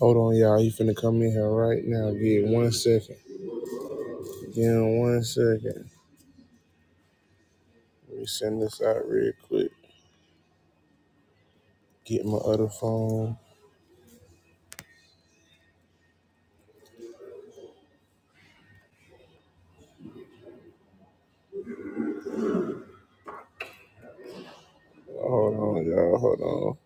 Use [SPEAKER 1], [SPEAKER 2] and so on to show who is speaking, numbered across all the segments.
[SPEAKER 1] Hold on, y'all. He finna come in here right now. Give it one second. Give him one second. Let me send this out real quick. Get my other phone. Hold on, y'all. Hold on.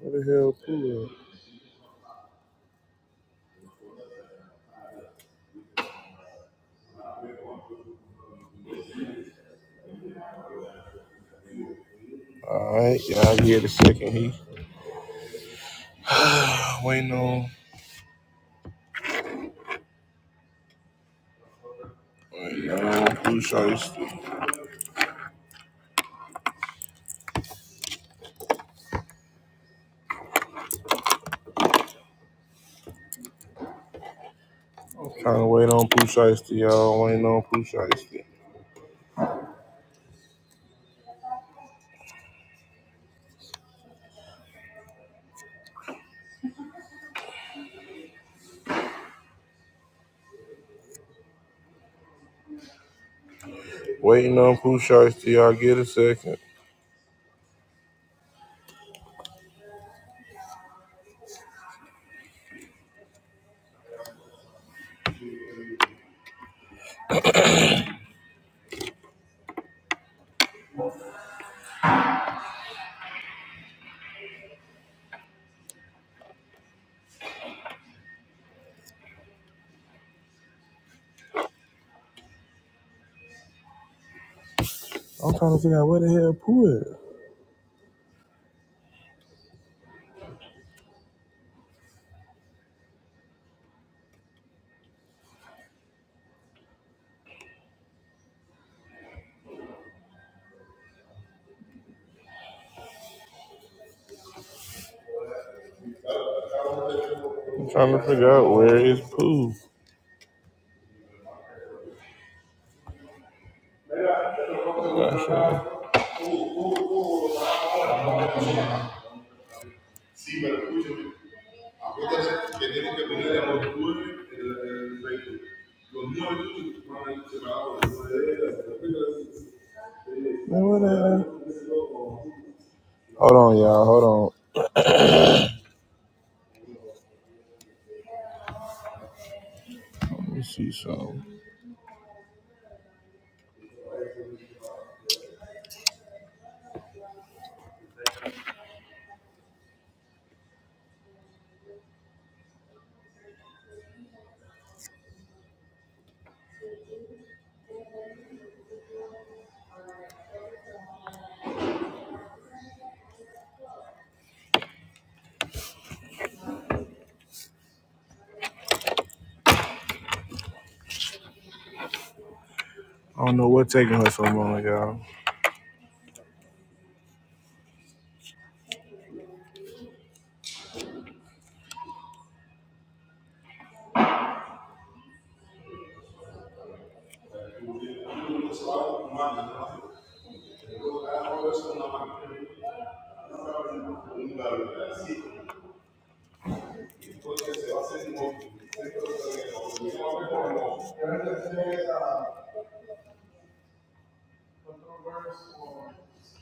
[SPEAKER 1] What the hell, cool? All right, y'all. Give it a second. He waiting on. Waiting on Pooh Shiesty. Trying to wait on Pooh Shiesty, y'all. Waiting on Pooh Shiesty. Waiting on Pooh Shiesty, y'all. Get a second. I'm trying to figure out where the hell Pooh is. I'm trying to figure out where is Pooh. Gosh, uh, Hold on, y'all. Hold on. Let me see something. I don't know what's taking her so long, y'all.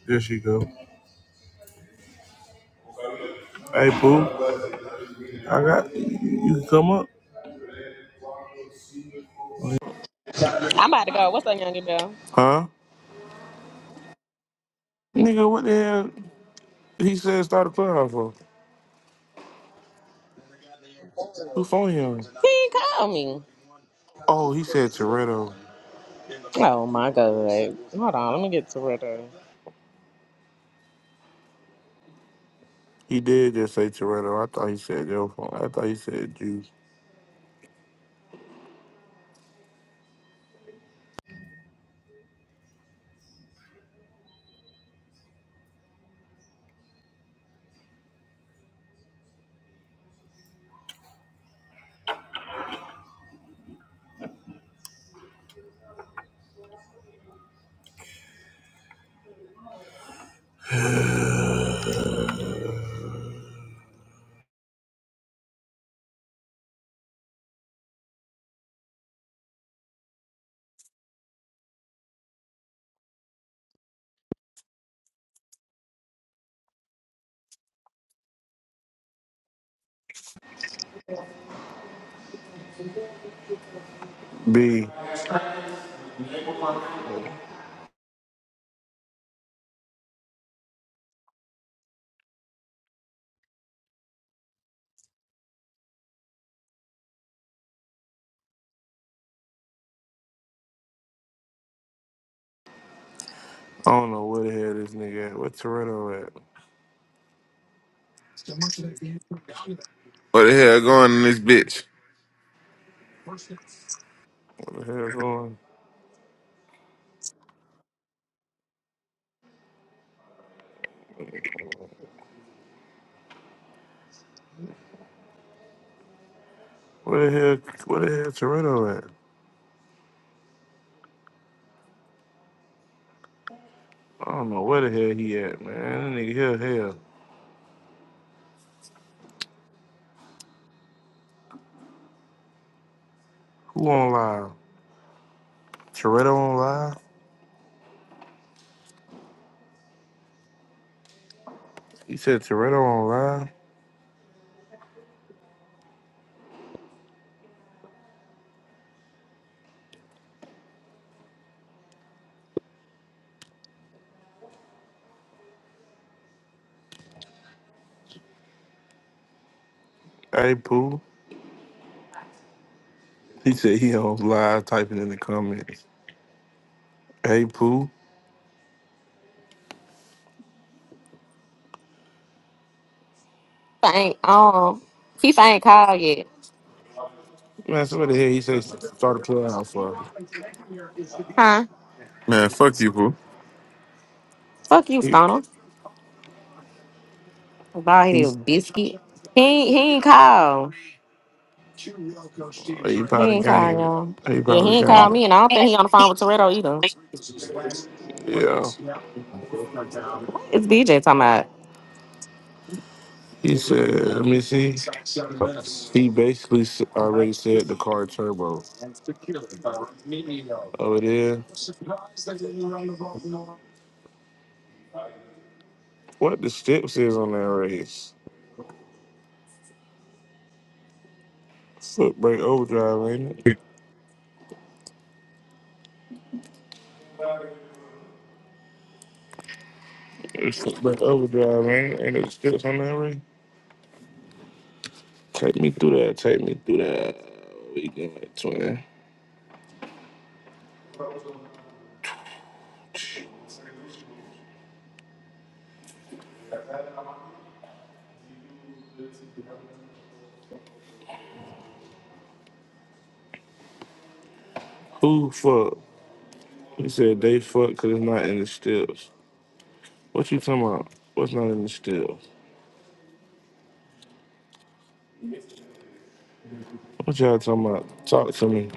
[SPEAKER 1] There she go. Hey, boo. I got you. Can come up,
[SPEAKER 2] I'm about to go. What's up, Young Bell?
[SPEAKER 1] huh? Nigga, what the hell? He said start a clubhouse for. Who phone you on?
[SPEAKER 2] He ain't call me.
[SPEAKER 1] Oh, he said Toretto.
[SPEAKER 2] Oh my god. Hold on, let me get to Twitter.
[SPEAKER 1] He did just say Toretto. I thought he said your phone. I thought he said Juice. B. I don't know where the hell this nigga at. Where Toretto at?
[SPEAKER 3] What the hell going in this bitch?
[SPEAKER 1] What the hell going? Where the hell, where the hell Toretto at? I don't know where the hell he at, man. That nigga here, hell. Who on live? Toretto on live? He said Toretto on live. Hey, Pooh. He said he on live typing in the comments. Hey, Pooh.
[SPEAKER 4] Tifa ain't um Tifa ain't called yet.
[SPEAKER 1] Man, so what the hell he say start a clubhouse for?
[SPEAKER 4] Huh?
[SPEAKER 3] Man, fuck you, fool.
[SPEAKER 4] Fuck you,
[SPEAKER 1] He,
[SPEAKER 4] Stoner. About his
[SPEAKER 1] he's,
[SPEAKER 4] biscuit. He ain't he ain't called. He
[SPEAKER 1] he probably
[SPEAKER 4] ain't called
[SPEAKER 1] came.
[SPEAKER 4] y'all.
[SPEAKER 1] He
[SPEAKER 4] Yeah,
[SPEAKER 1] probably
[SPEAKER 4] he ain't called
[SPEAKER 1] came.
[SPEAKER 4] me and I don't think
[SPEAKER 5] Amen.
[SPEAKER 4] he on the phone with Toretto either.
[SPEAKER 1] Yeah.
[SPEAKER 4] What is BJ talking about?
[SPEAKER 1] He said, let me see. He basically s- already said the car turbo. Oh, it is? What the steps is on that race? Footbrake overdrive, ain't it? It's footbrake overdrive, ain't it? Ain't it scripts on that ring? Take me through that. Take me through that. We going twin. Who fuck? He said they fuck because it's not in the stills. What you talking about? What's not in the stills? What y'all talking about? Talk to me.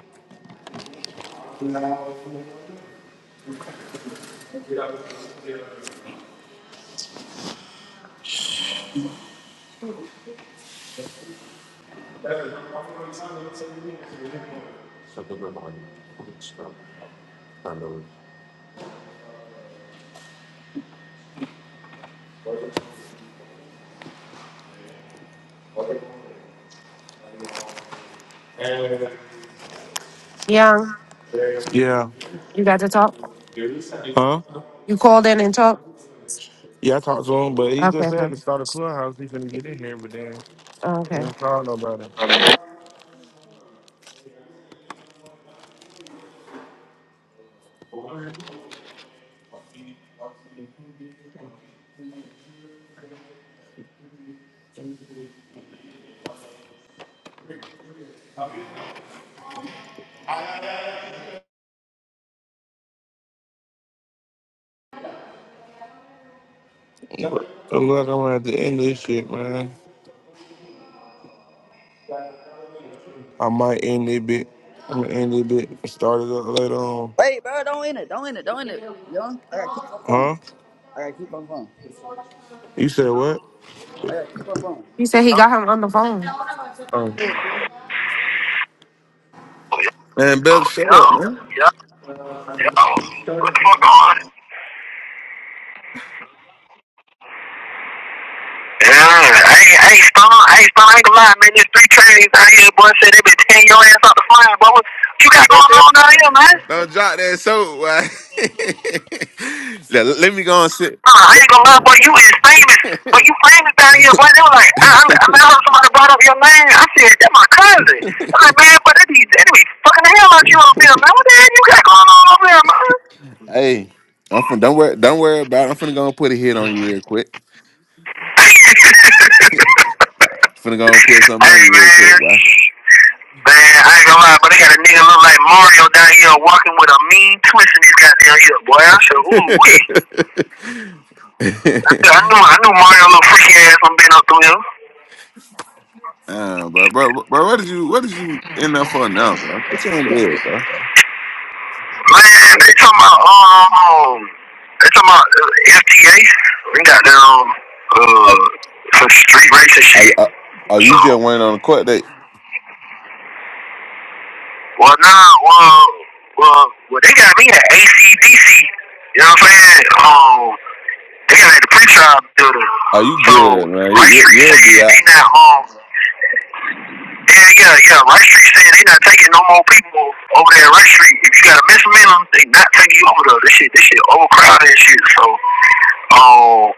[SPEAKER 6] Young,
[SPEAKER 1] Yeah.
[SPEAKER 6] you got to talk.
[SPEAKER 1] Huh?
[SPEAKER 6] You called in and talked.
[SPEAKER 1] Yeah, I talked to him, but he just
[SPEAKER 6] Okay,
[SPEAKER 1] said
[SPEAKER 6] good.
[SPEAKER 1] to start a clubhouse. He couldn't get in here, but then he
[SPEAKER 6] okay.
[SPEAKER 1] didn't call nobody. I'm glad I'm at the end of this shit, man. I might end it bit. I'm gonna end it bit. Start it up later on. Huh? You said what?
[SPEAKER 6] He said he
[SPEAKER 7] Yo,
[SPEAKER 6] got him on the phone.
[SPEAKER 1] Oh.
[SPEAKER 3] Man, Bell, shut
[SPEAKER 7] yo,
[SPEAKER 3] up, man.
[SPEAKER 7] yo. What the fuck on? Yeah, I ain't, I ain't stunned. I ain't stunned. I ain't gonna lie, man. There's three trains out here, boy. Said they been tearing your ass out the flying, boy. What you got going on down here, man?
[SPEAKER 3] Don't drop that soap, boy. let, let me go and sit.
[SPEAKER 7] Nah, I ain't gonna lie, boy. You is famous. But you famous down here, boy. They were like, I, I, I I heard somebody brought up your name. I said, that my cousin. I'm like, man, but they be, they be fucking the hell out you over there, man. What the hell you got going on over there, man?
[SPEAKER 3] Hey, I'm finna don't worry, don't worry about it. I'm finna go and put a hit on you real quick. I'm finna go and put something
[SPEAKER 7] hey,
[SPEAKER 3] on you real quick, boy.
[SPEAKER 7] man. Man, I ain't gonna lie, but they got a nigga look like Mario down here walking with a mean twist in his goddamn ear, boy. I said, ooh, wee. I, I knew, I knew Mario little freaky ass from being up through him.
[SPEAKER 3] uh, bro, bro, bro, what did you what did you end up for now, bro? What you on bed, bro?
[SPEAKER 7] Man, they talking about, um, they talking about uh, FTA. We got down,
[SPEAKER 3] Are,
[SPEAKER 7] uh, some street race and
[SPEAKER 3] are,
[SPEAKER 7] shit.
[SPEAKER 3] are, are
[SPEAKER 7] So,
[SPEAKER 3] you just went on a court date?
[SPEAKER 7] well, nah, well, well, well, they got me at ACDC. You know what I'm saying? Um, they got me at the pre-trial building.
[SPEAKER 3] Are you
[SPEAKER 7] So,
[SPEAKER 3] good, man? You,
[SPEAKER 7] Rice
[SPEAKER 3] you,
[SPEAKER 7] Street
[SPEAKER 3] you'll be
[SPEAKER 7] said they
[SPEAKER 3] out.
[SPEAKER 7] not, um, Yeah, yeah, yeah. Rice Street said they not taking no more people over there at Rice Street. If you got a misdemeanor, they not taking you over there. This shit, this shit overcrowded and shit. So, um,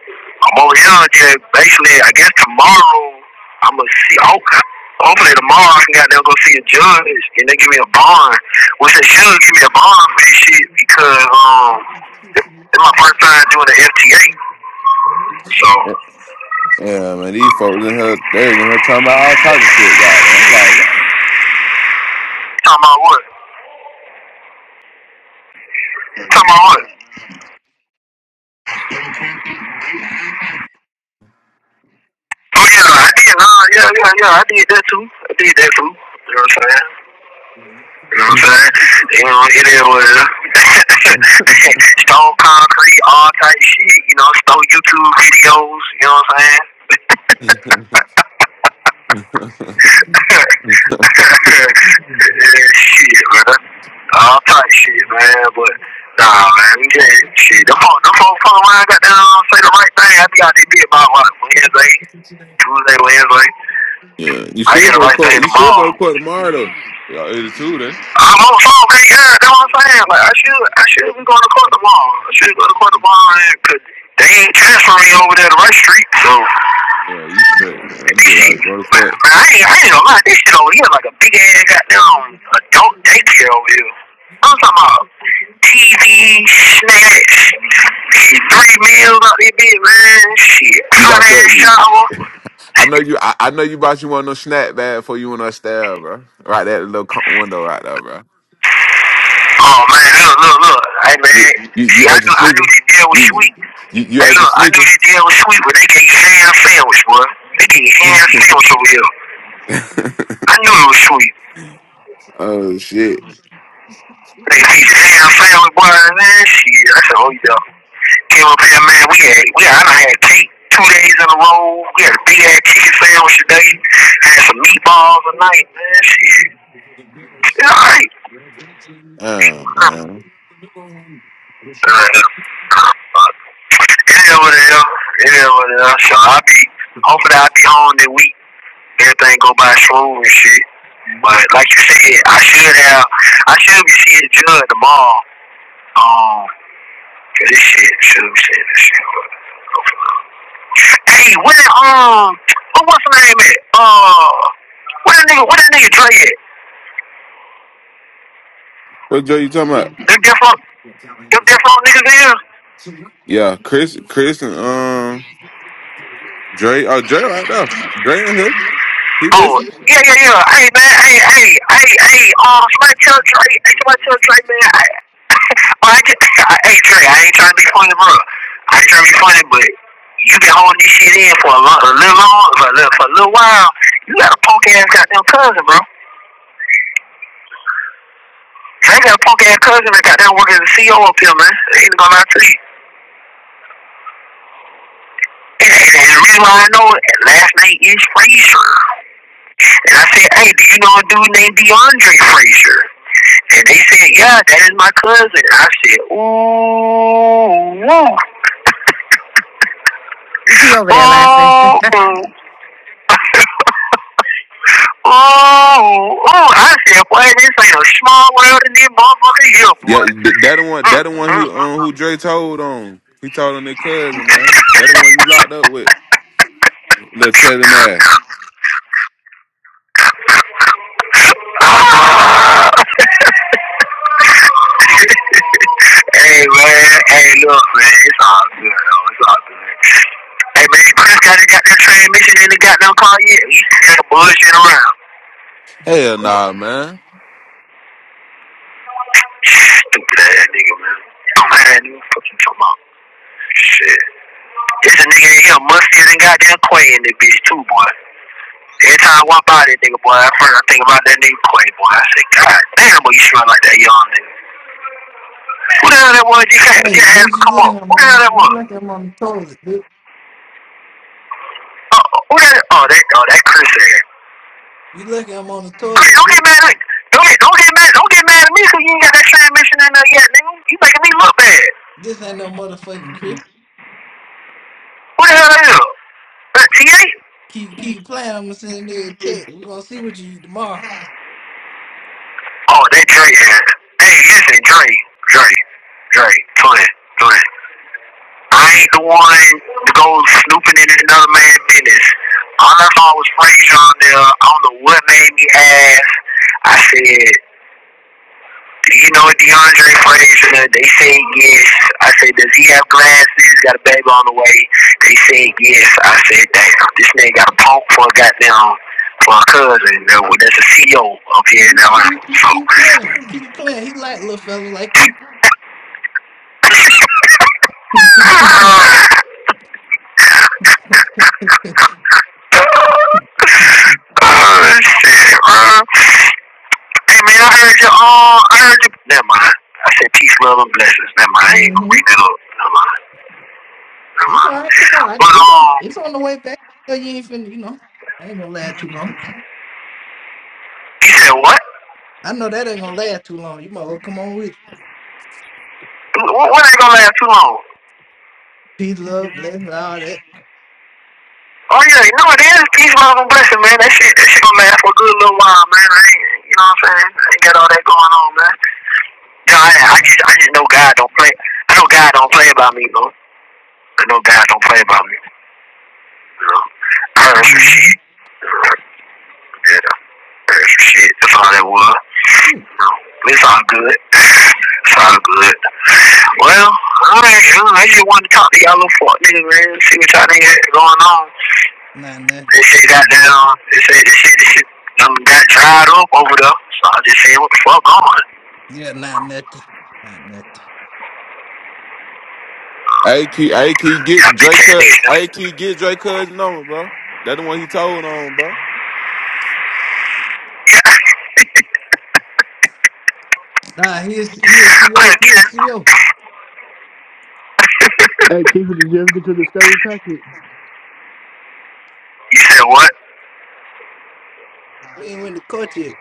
[SPEAKER 7] I'm over here just basically, I guess tomorrow, I'm gonna see, hopefully tomorrow I can goddamn go see a judge and they give me a bond. Which they should give me a bond for this shit because, um, it's my first time doing the FTA. So,
[SPEAKER 3] Yeah, man, these folks in here, they in here talking about all types of shit. God, I'm like,
[SPEAKER 7] talking about what? Talking about what? Oh yeah, I did. No, yeah, yeah, yeah. I did that too. I did that too. You know what I'm saying? You know what I'm saying? You know, it is what it is.
[SPEAKER 3] what?
[SPEAKER 7] Stone concrete, all type shit. You know, stone YouTube videos. You know what I'm saying? yeah, shit, man. All type shit, man. But nah, man, we just shit. Them folks, them folks fuck around, got down, say the right thing. I be out there bit by what Wednesday, Tuesday, Wednesday.
[SPEAKER 3] yeah, you
[SPEAKER 7] I hear
[SPEAKER 3] should
[SPEAKER 7] the
[SPEAKER 3] go to
[SPEAKER 7] right
[SPEAKER 3] court.
[SPEAKER 7] thing
[SPEAKER 3] You should go to
[SPEAKER 7] tomorrow.
[SPEAKER 3] court tomorrow. Though. Y'all eighty two then.
[SPEAKER 7] I'm on the phone, right girl. That's what I'm saying. Like I should, I should be going to court tomorrow. I should go to court tomorrow, and cause they ain't transferring me over there to Rush Street. So
[SPEAKER 3] Yeah, you straight. Man. You
[SPEAKER 7] this
[SPEAKER 3] just gotta
[SPEAKER 7] shit,
[SPEAKER 3] go to
[SPEAKER 7] man,
[SPEAKER 3] court.
[SPEAKER 7] man, I ain't, I ain't gonna lie. This shit over here like a big ass goddamn adult daycare over here. I'm talking about TV, snacks, shit, three meals out there, bitch, man. Shit,
[SPEAKER 3] You
[SPEAKER 7] hot
[SPEAKER 3] bought your.
[SPEAKER 7] ass
[SPEAKER 3] you-
[SPEAKER 7] shower.
[SPEAKER 3] I know you. I, I know you bought you one of those snack bag before you went upstairs, bro. Right there, the little co- window right there, bro.
[SPEAKER 7] Oh man, look, look, look. Hey
[SPEAKER 3] You
[SPEAKER 7] man,
[SPEAKER 3] you you
[SPEAKER 7] see, I
[SPEAKER 3] act your
[SPEAKER 7] knew, I knew
[SPEAKER 3] sneaker.
[SPEAKER 7] this deal was
[SPEAKER 3] You
[SPEAKER 7] sweet.
[SPEAKER 3] you, you
[SPEAKER 7] Hey,
[SPEAKER 3] act your
[SPEAKER 7] look, I knew
[SPEAKER 3] sneaker.
[SPEAKER 7] that deal was sweet, but they gave Sam sandwich, boy. They gave ham sandwich over here. I knew it was sweet.
[SPEAKER 3] oh shit.
[SPEAKER 7] They feed ham sandwich, boy, man, shit. I said, oh, yeah. Came up here, man, we had, we had, I done had cake two days in a row. We had a big-ass chicken sandwich today. Had some meatballs tonight, man, shit. It's all right.
[SPEAKER 3] Oh man.
[SPEAKER 7] It is what it is. It is what it is. So I'll be, hopefully I'll be home that week. Everything go by smooth and shit. But like you said, I should have, I should be seeing Judd tomorrow. Um, this shit should be seeing this shit. Hey, where that, um, what was the name at? Uh, where that nigga, where that nigga Dre at?
[SPEAKER 3] What Joe you talking about?
[SPEAKER 7] Them different, them different niggas is.
[SPEAKER 3] Yeah, Chris, Chris, and um, Dre. Oh, Dre, right there. Dre and him. He
[SPEAKER 7] Oh,
[SPEAKER 3] listen.
[SPEAKER 7] yeah, yeah, yeah. Hey man, hey, hey, hey, hey. Um, somebody tell Dre, hey, somebody tell Dre, man. I Well, I just, I, hey Trey, I ain't trying to be funny, bro. I ain't trying to be funny, but you been holding this shit in for a, long, a little long, for a little, for a little while. You got a punk ass goddamn cousin, bro. I got a punk ass cousin that goddamn working as a CO up here, man. I ain't gonna lie to you. And, and, and the reason why I know it, last name is Frazier, And I said, hey, do you know a dude named DeAndre Frazier? And they said, yeah, that is my cousin. I said, ooh, ooh,
[SPEAKER 6] He over there laughing.
[SPEAKER 7] ooh. Ooh, ooh, I said, boy, this ain't a small world in this motherfucker here,
[SPEAKER 3] Yeah,
[SPEAKER 7] boy.
[SPEAKER 3] th- that the one.
[SPEAKER 7] Mm,
[SPEAKER 3] That the
[SPEAKER 7] mm,
[SPEAKER 3] one. He
[SPEAKER 7] mm.
[SPEAKER 3] um, who Dre told on. He told on their cousin, man. That the one you locked up with. Little telling that.
[SPEAKER 7] Ah! hey, man, hey, look, man, it's all good, though. It's all good. Hey, man, Chris got his goddamn transmission in the goddamn car yet. He's still bullshit around.
[SPEAKER 3] Hell nah, man.
[SPEAKER 7] Stupid ass nigga, man. Dumb ass nigga, fuck you talking about? Shit. This a nigga in here, mustier than goddamn Quay in this bitch, too, boy. Every time I walk by this nigga, boy, at first I think about that nigga Quay, boy. I say, God damn, boy, you smell like that young nigga. Who the hell that was? You can't, you
[SPEAKER 8] Hey,
[SPEAKER 7] can't have
[SPEAKER 8] bitch,
[SPEAKER 7] to
[SPEAKER 8] you
[SPEAKER 7] come
[SPEAKER 8] lucky
[SPEAKER 7] up. Who
[SPEAKER 8] I'm
[SPEAKER 7] the hell
[SPEAKER 8] on
[SPEAKER 7] that
[SPEAKER 8] you
[SPEAKER 7] was?
[SPEAKER 8] lucky I'm on the toilet, bitch.
[SPEAKER 7] Uh, who that? Oh, that, oh, that Chris said.
[SPEAKER 8] You lucky I'm on the
[SPEAKER 7] Chris,
[SPEAKER 8] toilet,
[SPEAKER 7] don't get
[SPEAKER 8] bitch.
[SPEAKER 7] mad at me. don't get, don't get mad, don't get mad at me because you ain't got that same mission in there yet, nigga. You making me look bad.
[SPEAKER 8] This ain't no motherfucking crib.
[SPEAKER 7] Who the hell that is? That TA?
[SPEAKER 8] Keep keep playing, I'm gonna send a nigga a text. We're gonna see what you eat tomorrow.
[SPEAKER 7] Oh, that Dre had. Hey, listen, Dre, Dre, Dre, twin, twin. I ain't the one to go snooping in another man's business. I don't know if I was praised on there. I don't know what made me ask. I said, Do you know what DeAndre Frazier? said? They said yes. I said, does he have glasses? He's Got a baby on the way. They said yes. I said, damn, this nigga got a punk for a goddamn for a cousin. That's a CEO up here in
[SPEAKER 8] Keep
[SPEAKER 7] Atlanta.
[SPEAKER 8] keep
[SPEAKER 7] So,
[SPEAKER 8] keep playing. Keep playing. He like little fellas like you. mm-hmm.
[SPEAKER 7] oh shit, bro. Hey man, I heard you. All I heard you. Never mind. I said peace, love, and blessings. Never mind. I ain't gonna bring that up. Never mind. Never
[SPEAKER 8] It's all
[SPEAKER 7] mind.
[SPEAKER 8] right, come on.
[SPEAKER 7] But
[SPEAKER 8] It's on
[SPEAKER 7] um,
[SPEAKER 8] it's on the way back. So you ain't finna you know, I ain't gonna last too long.
[SPEAKER 7] he said
[SPEAKER 8] I know that ain't gonna last too long. You might well come on with you.
[SPEAKER 7] What, what ain't gonna last too long?
[SPEAKER 8] peace, love, blessings, all that.
[SPEAKER 7] Oh yeah, you know it is. Peace, love, and blessing, man. That shit, that shit gonna last for a good little while, man. I ain't, you know what I'm saying? I ain't got all that going on, man. You know,
[SPEAKER 8] Say
[SPEAKER 7] I,
[SPEAKER 8] no
[SPEAKER 7] I
[SPEAKER 8] more.
[SPEAKER 7] just, I just know God don't play. I know God don't play about me, though. I know God don't play about me. You know, I heard some
[SPEAKER 8] Mm-hmm.
[SPEAKER 7] shit. You know, yeah, I heard some shit. That's all that was. You know, it's all good. It's all good. Well, I you I just wanted to talk to y'all little fuck niggas, man. See what y'all niggas got going on.
[SPEAKER 8] Not that.
[SPEAKER 7] They say
[SPEAKER 8] Not that.
[SPEAKER 7] goddamn, they say this shit, this shit um, got dried up over there. So I just said, what the fuck on?
[SPEAKER 8] Yeah, not nothing. Not nothing.
[SPEAKER 3] I keep, I keep
[SPEAKER 7] Y'all
[SPEAKER 3] get
[SPEAKER 7] bitch
[SPEAKER 3] Dre
[SPEAKER 7] ass niggas.
[SPEAKER 3] cut. I keep get Dre cousin number, bro. That the one he told on, bro.
[SPEAKER 7] Yeah,
[SPEAKER 8] Nah, he is he is
[SPEAKER 7] I could
[SPEAKER 8] CEO. He
[SPEAKER 7] again.
[SPEAKER 8] is CEO.
[SPEAKER 9] Hey, Keith, did you ever get your discovery packet?
[SPEAKER 7] You said what?
[SPEAKER 8] He ain't win the court yet.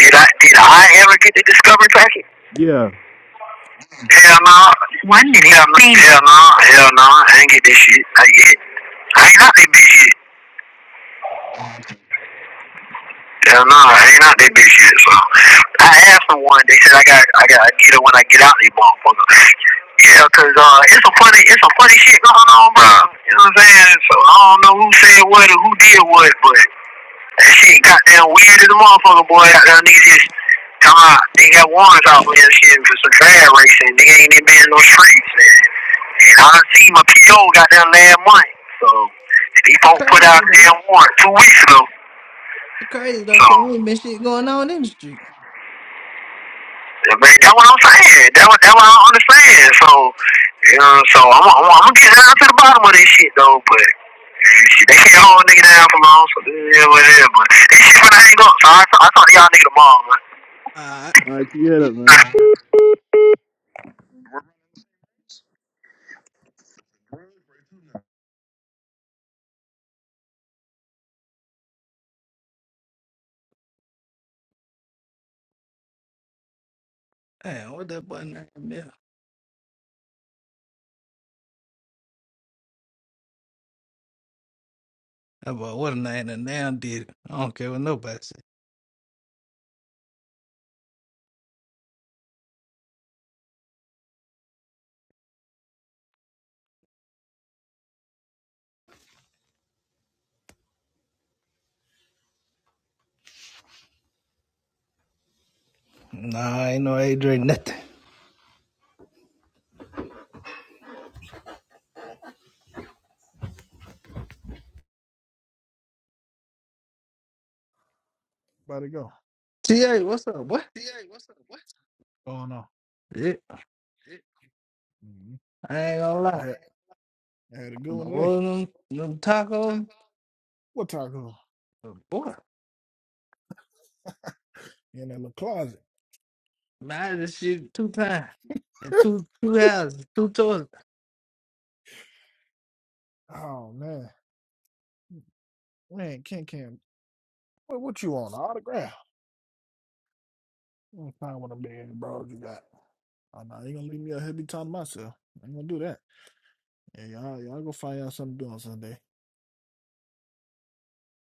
[SPEAKER 7] Did I did I ever get the discovery packet?
[SPEAKER 9] Yeah,
[SPEAKER 7] Hell no. Hell no. Hell no. Hell no. I ain't get this shit. I get. I ain't out that bitch yet. Hell no, I ain't out that bitch yet. So I asked for one. They said I got I got I get it when I get out these motherfuckers. Yeah, cause uh, it's a funny, it's a funny shit going on, bro. You know what I'm saying? So I don't know who said what or who did what, but that shit goddamn weird as a motherfucker, boy. Out there, niggas just come out. They got warrants out for this shit for some drag racing. They ain't even been in no streets, man. And I done seen my PO got down last month, so and he
[SPEAKER 8] That's
[SPEAKER 7] folks put
[SPEAKER 8] crazy
[SPEAKER 7] out a
[SPEAKER 8] though.
[SPEAKER 7] damn warrant two weeks ago.
[SPEAKER 8] That's crazy though, cause
[SPEAKER 7] So
[SPEAKER 8] ain't been shit going on in the street.
[SPEAKER 7] Man, that's what I'm saying. That's what that what I understand. So you know, so I'm I'm, I'm gonna get down to the bottom of this shit though. But eh, shit, they can't hold a nigga down for long. So this is what it is. But this shit finna hang up. So I I talk to y'all nigga tomorrow, man.
[SPEAKER 8] Alright.
[SPEAKER 9] All right, keep your head up, man.
[SPEAKER 8] Damn, what that boy name there? That boy what a name that damn did it. I don't care what nobody say. Nah, ain't no Adrian nothing.
[SPEAKER 10] About to go.
[SPEAKER 8] TA, what's up, boy?
[SPEAKER 10] Oh no.
[SPEAKER 8] Yeah,
[SPEAKER 10] Mhm.
[SPEAKER 8] I ain't gonna
[SPEAKER 10] I
[SPEAKER 8] lie.
[SPEAKER 10] had, I had a good
[SPEAKER 8] I'm
[SPEAKER 10] one today.
[SPEAKER 8] them, them tacos.
[SPEAKER 10] What taco?
[SPEAKER 8] But boy,
[SPEAKER 10] In that little closet.
[SPEAKER 8] man, I just shit two times. And two two houses, two toys.
[SPEAKER 10] Oh man. Man, Ken Ken. What what you on? An autograph? I'm gonna find one of them bad bros you got. Oh no, you gonna leave me out here be talking to myself. I ain't gonna do that. Yeah, y'all y'all go find y'all something to do on Sunday.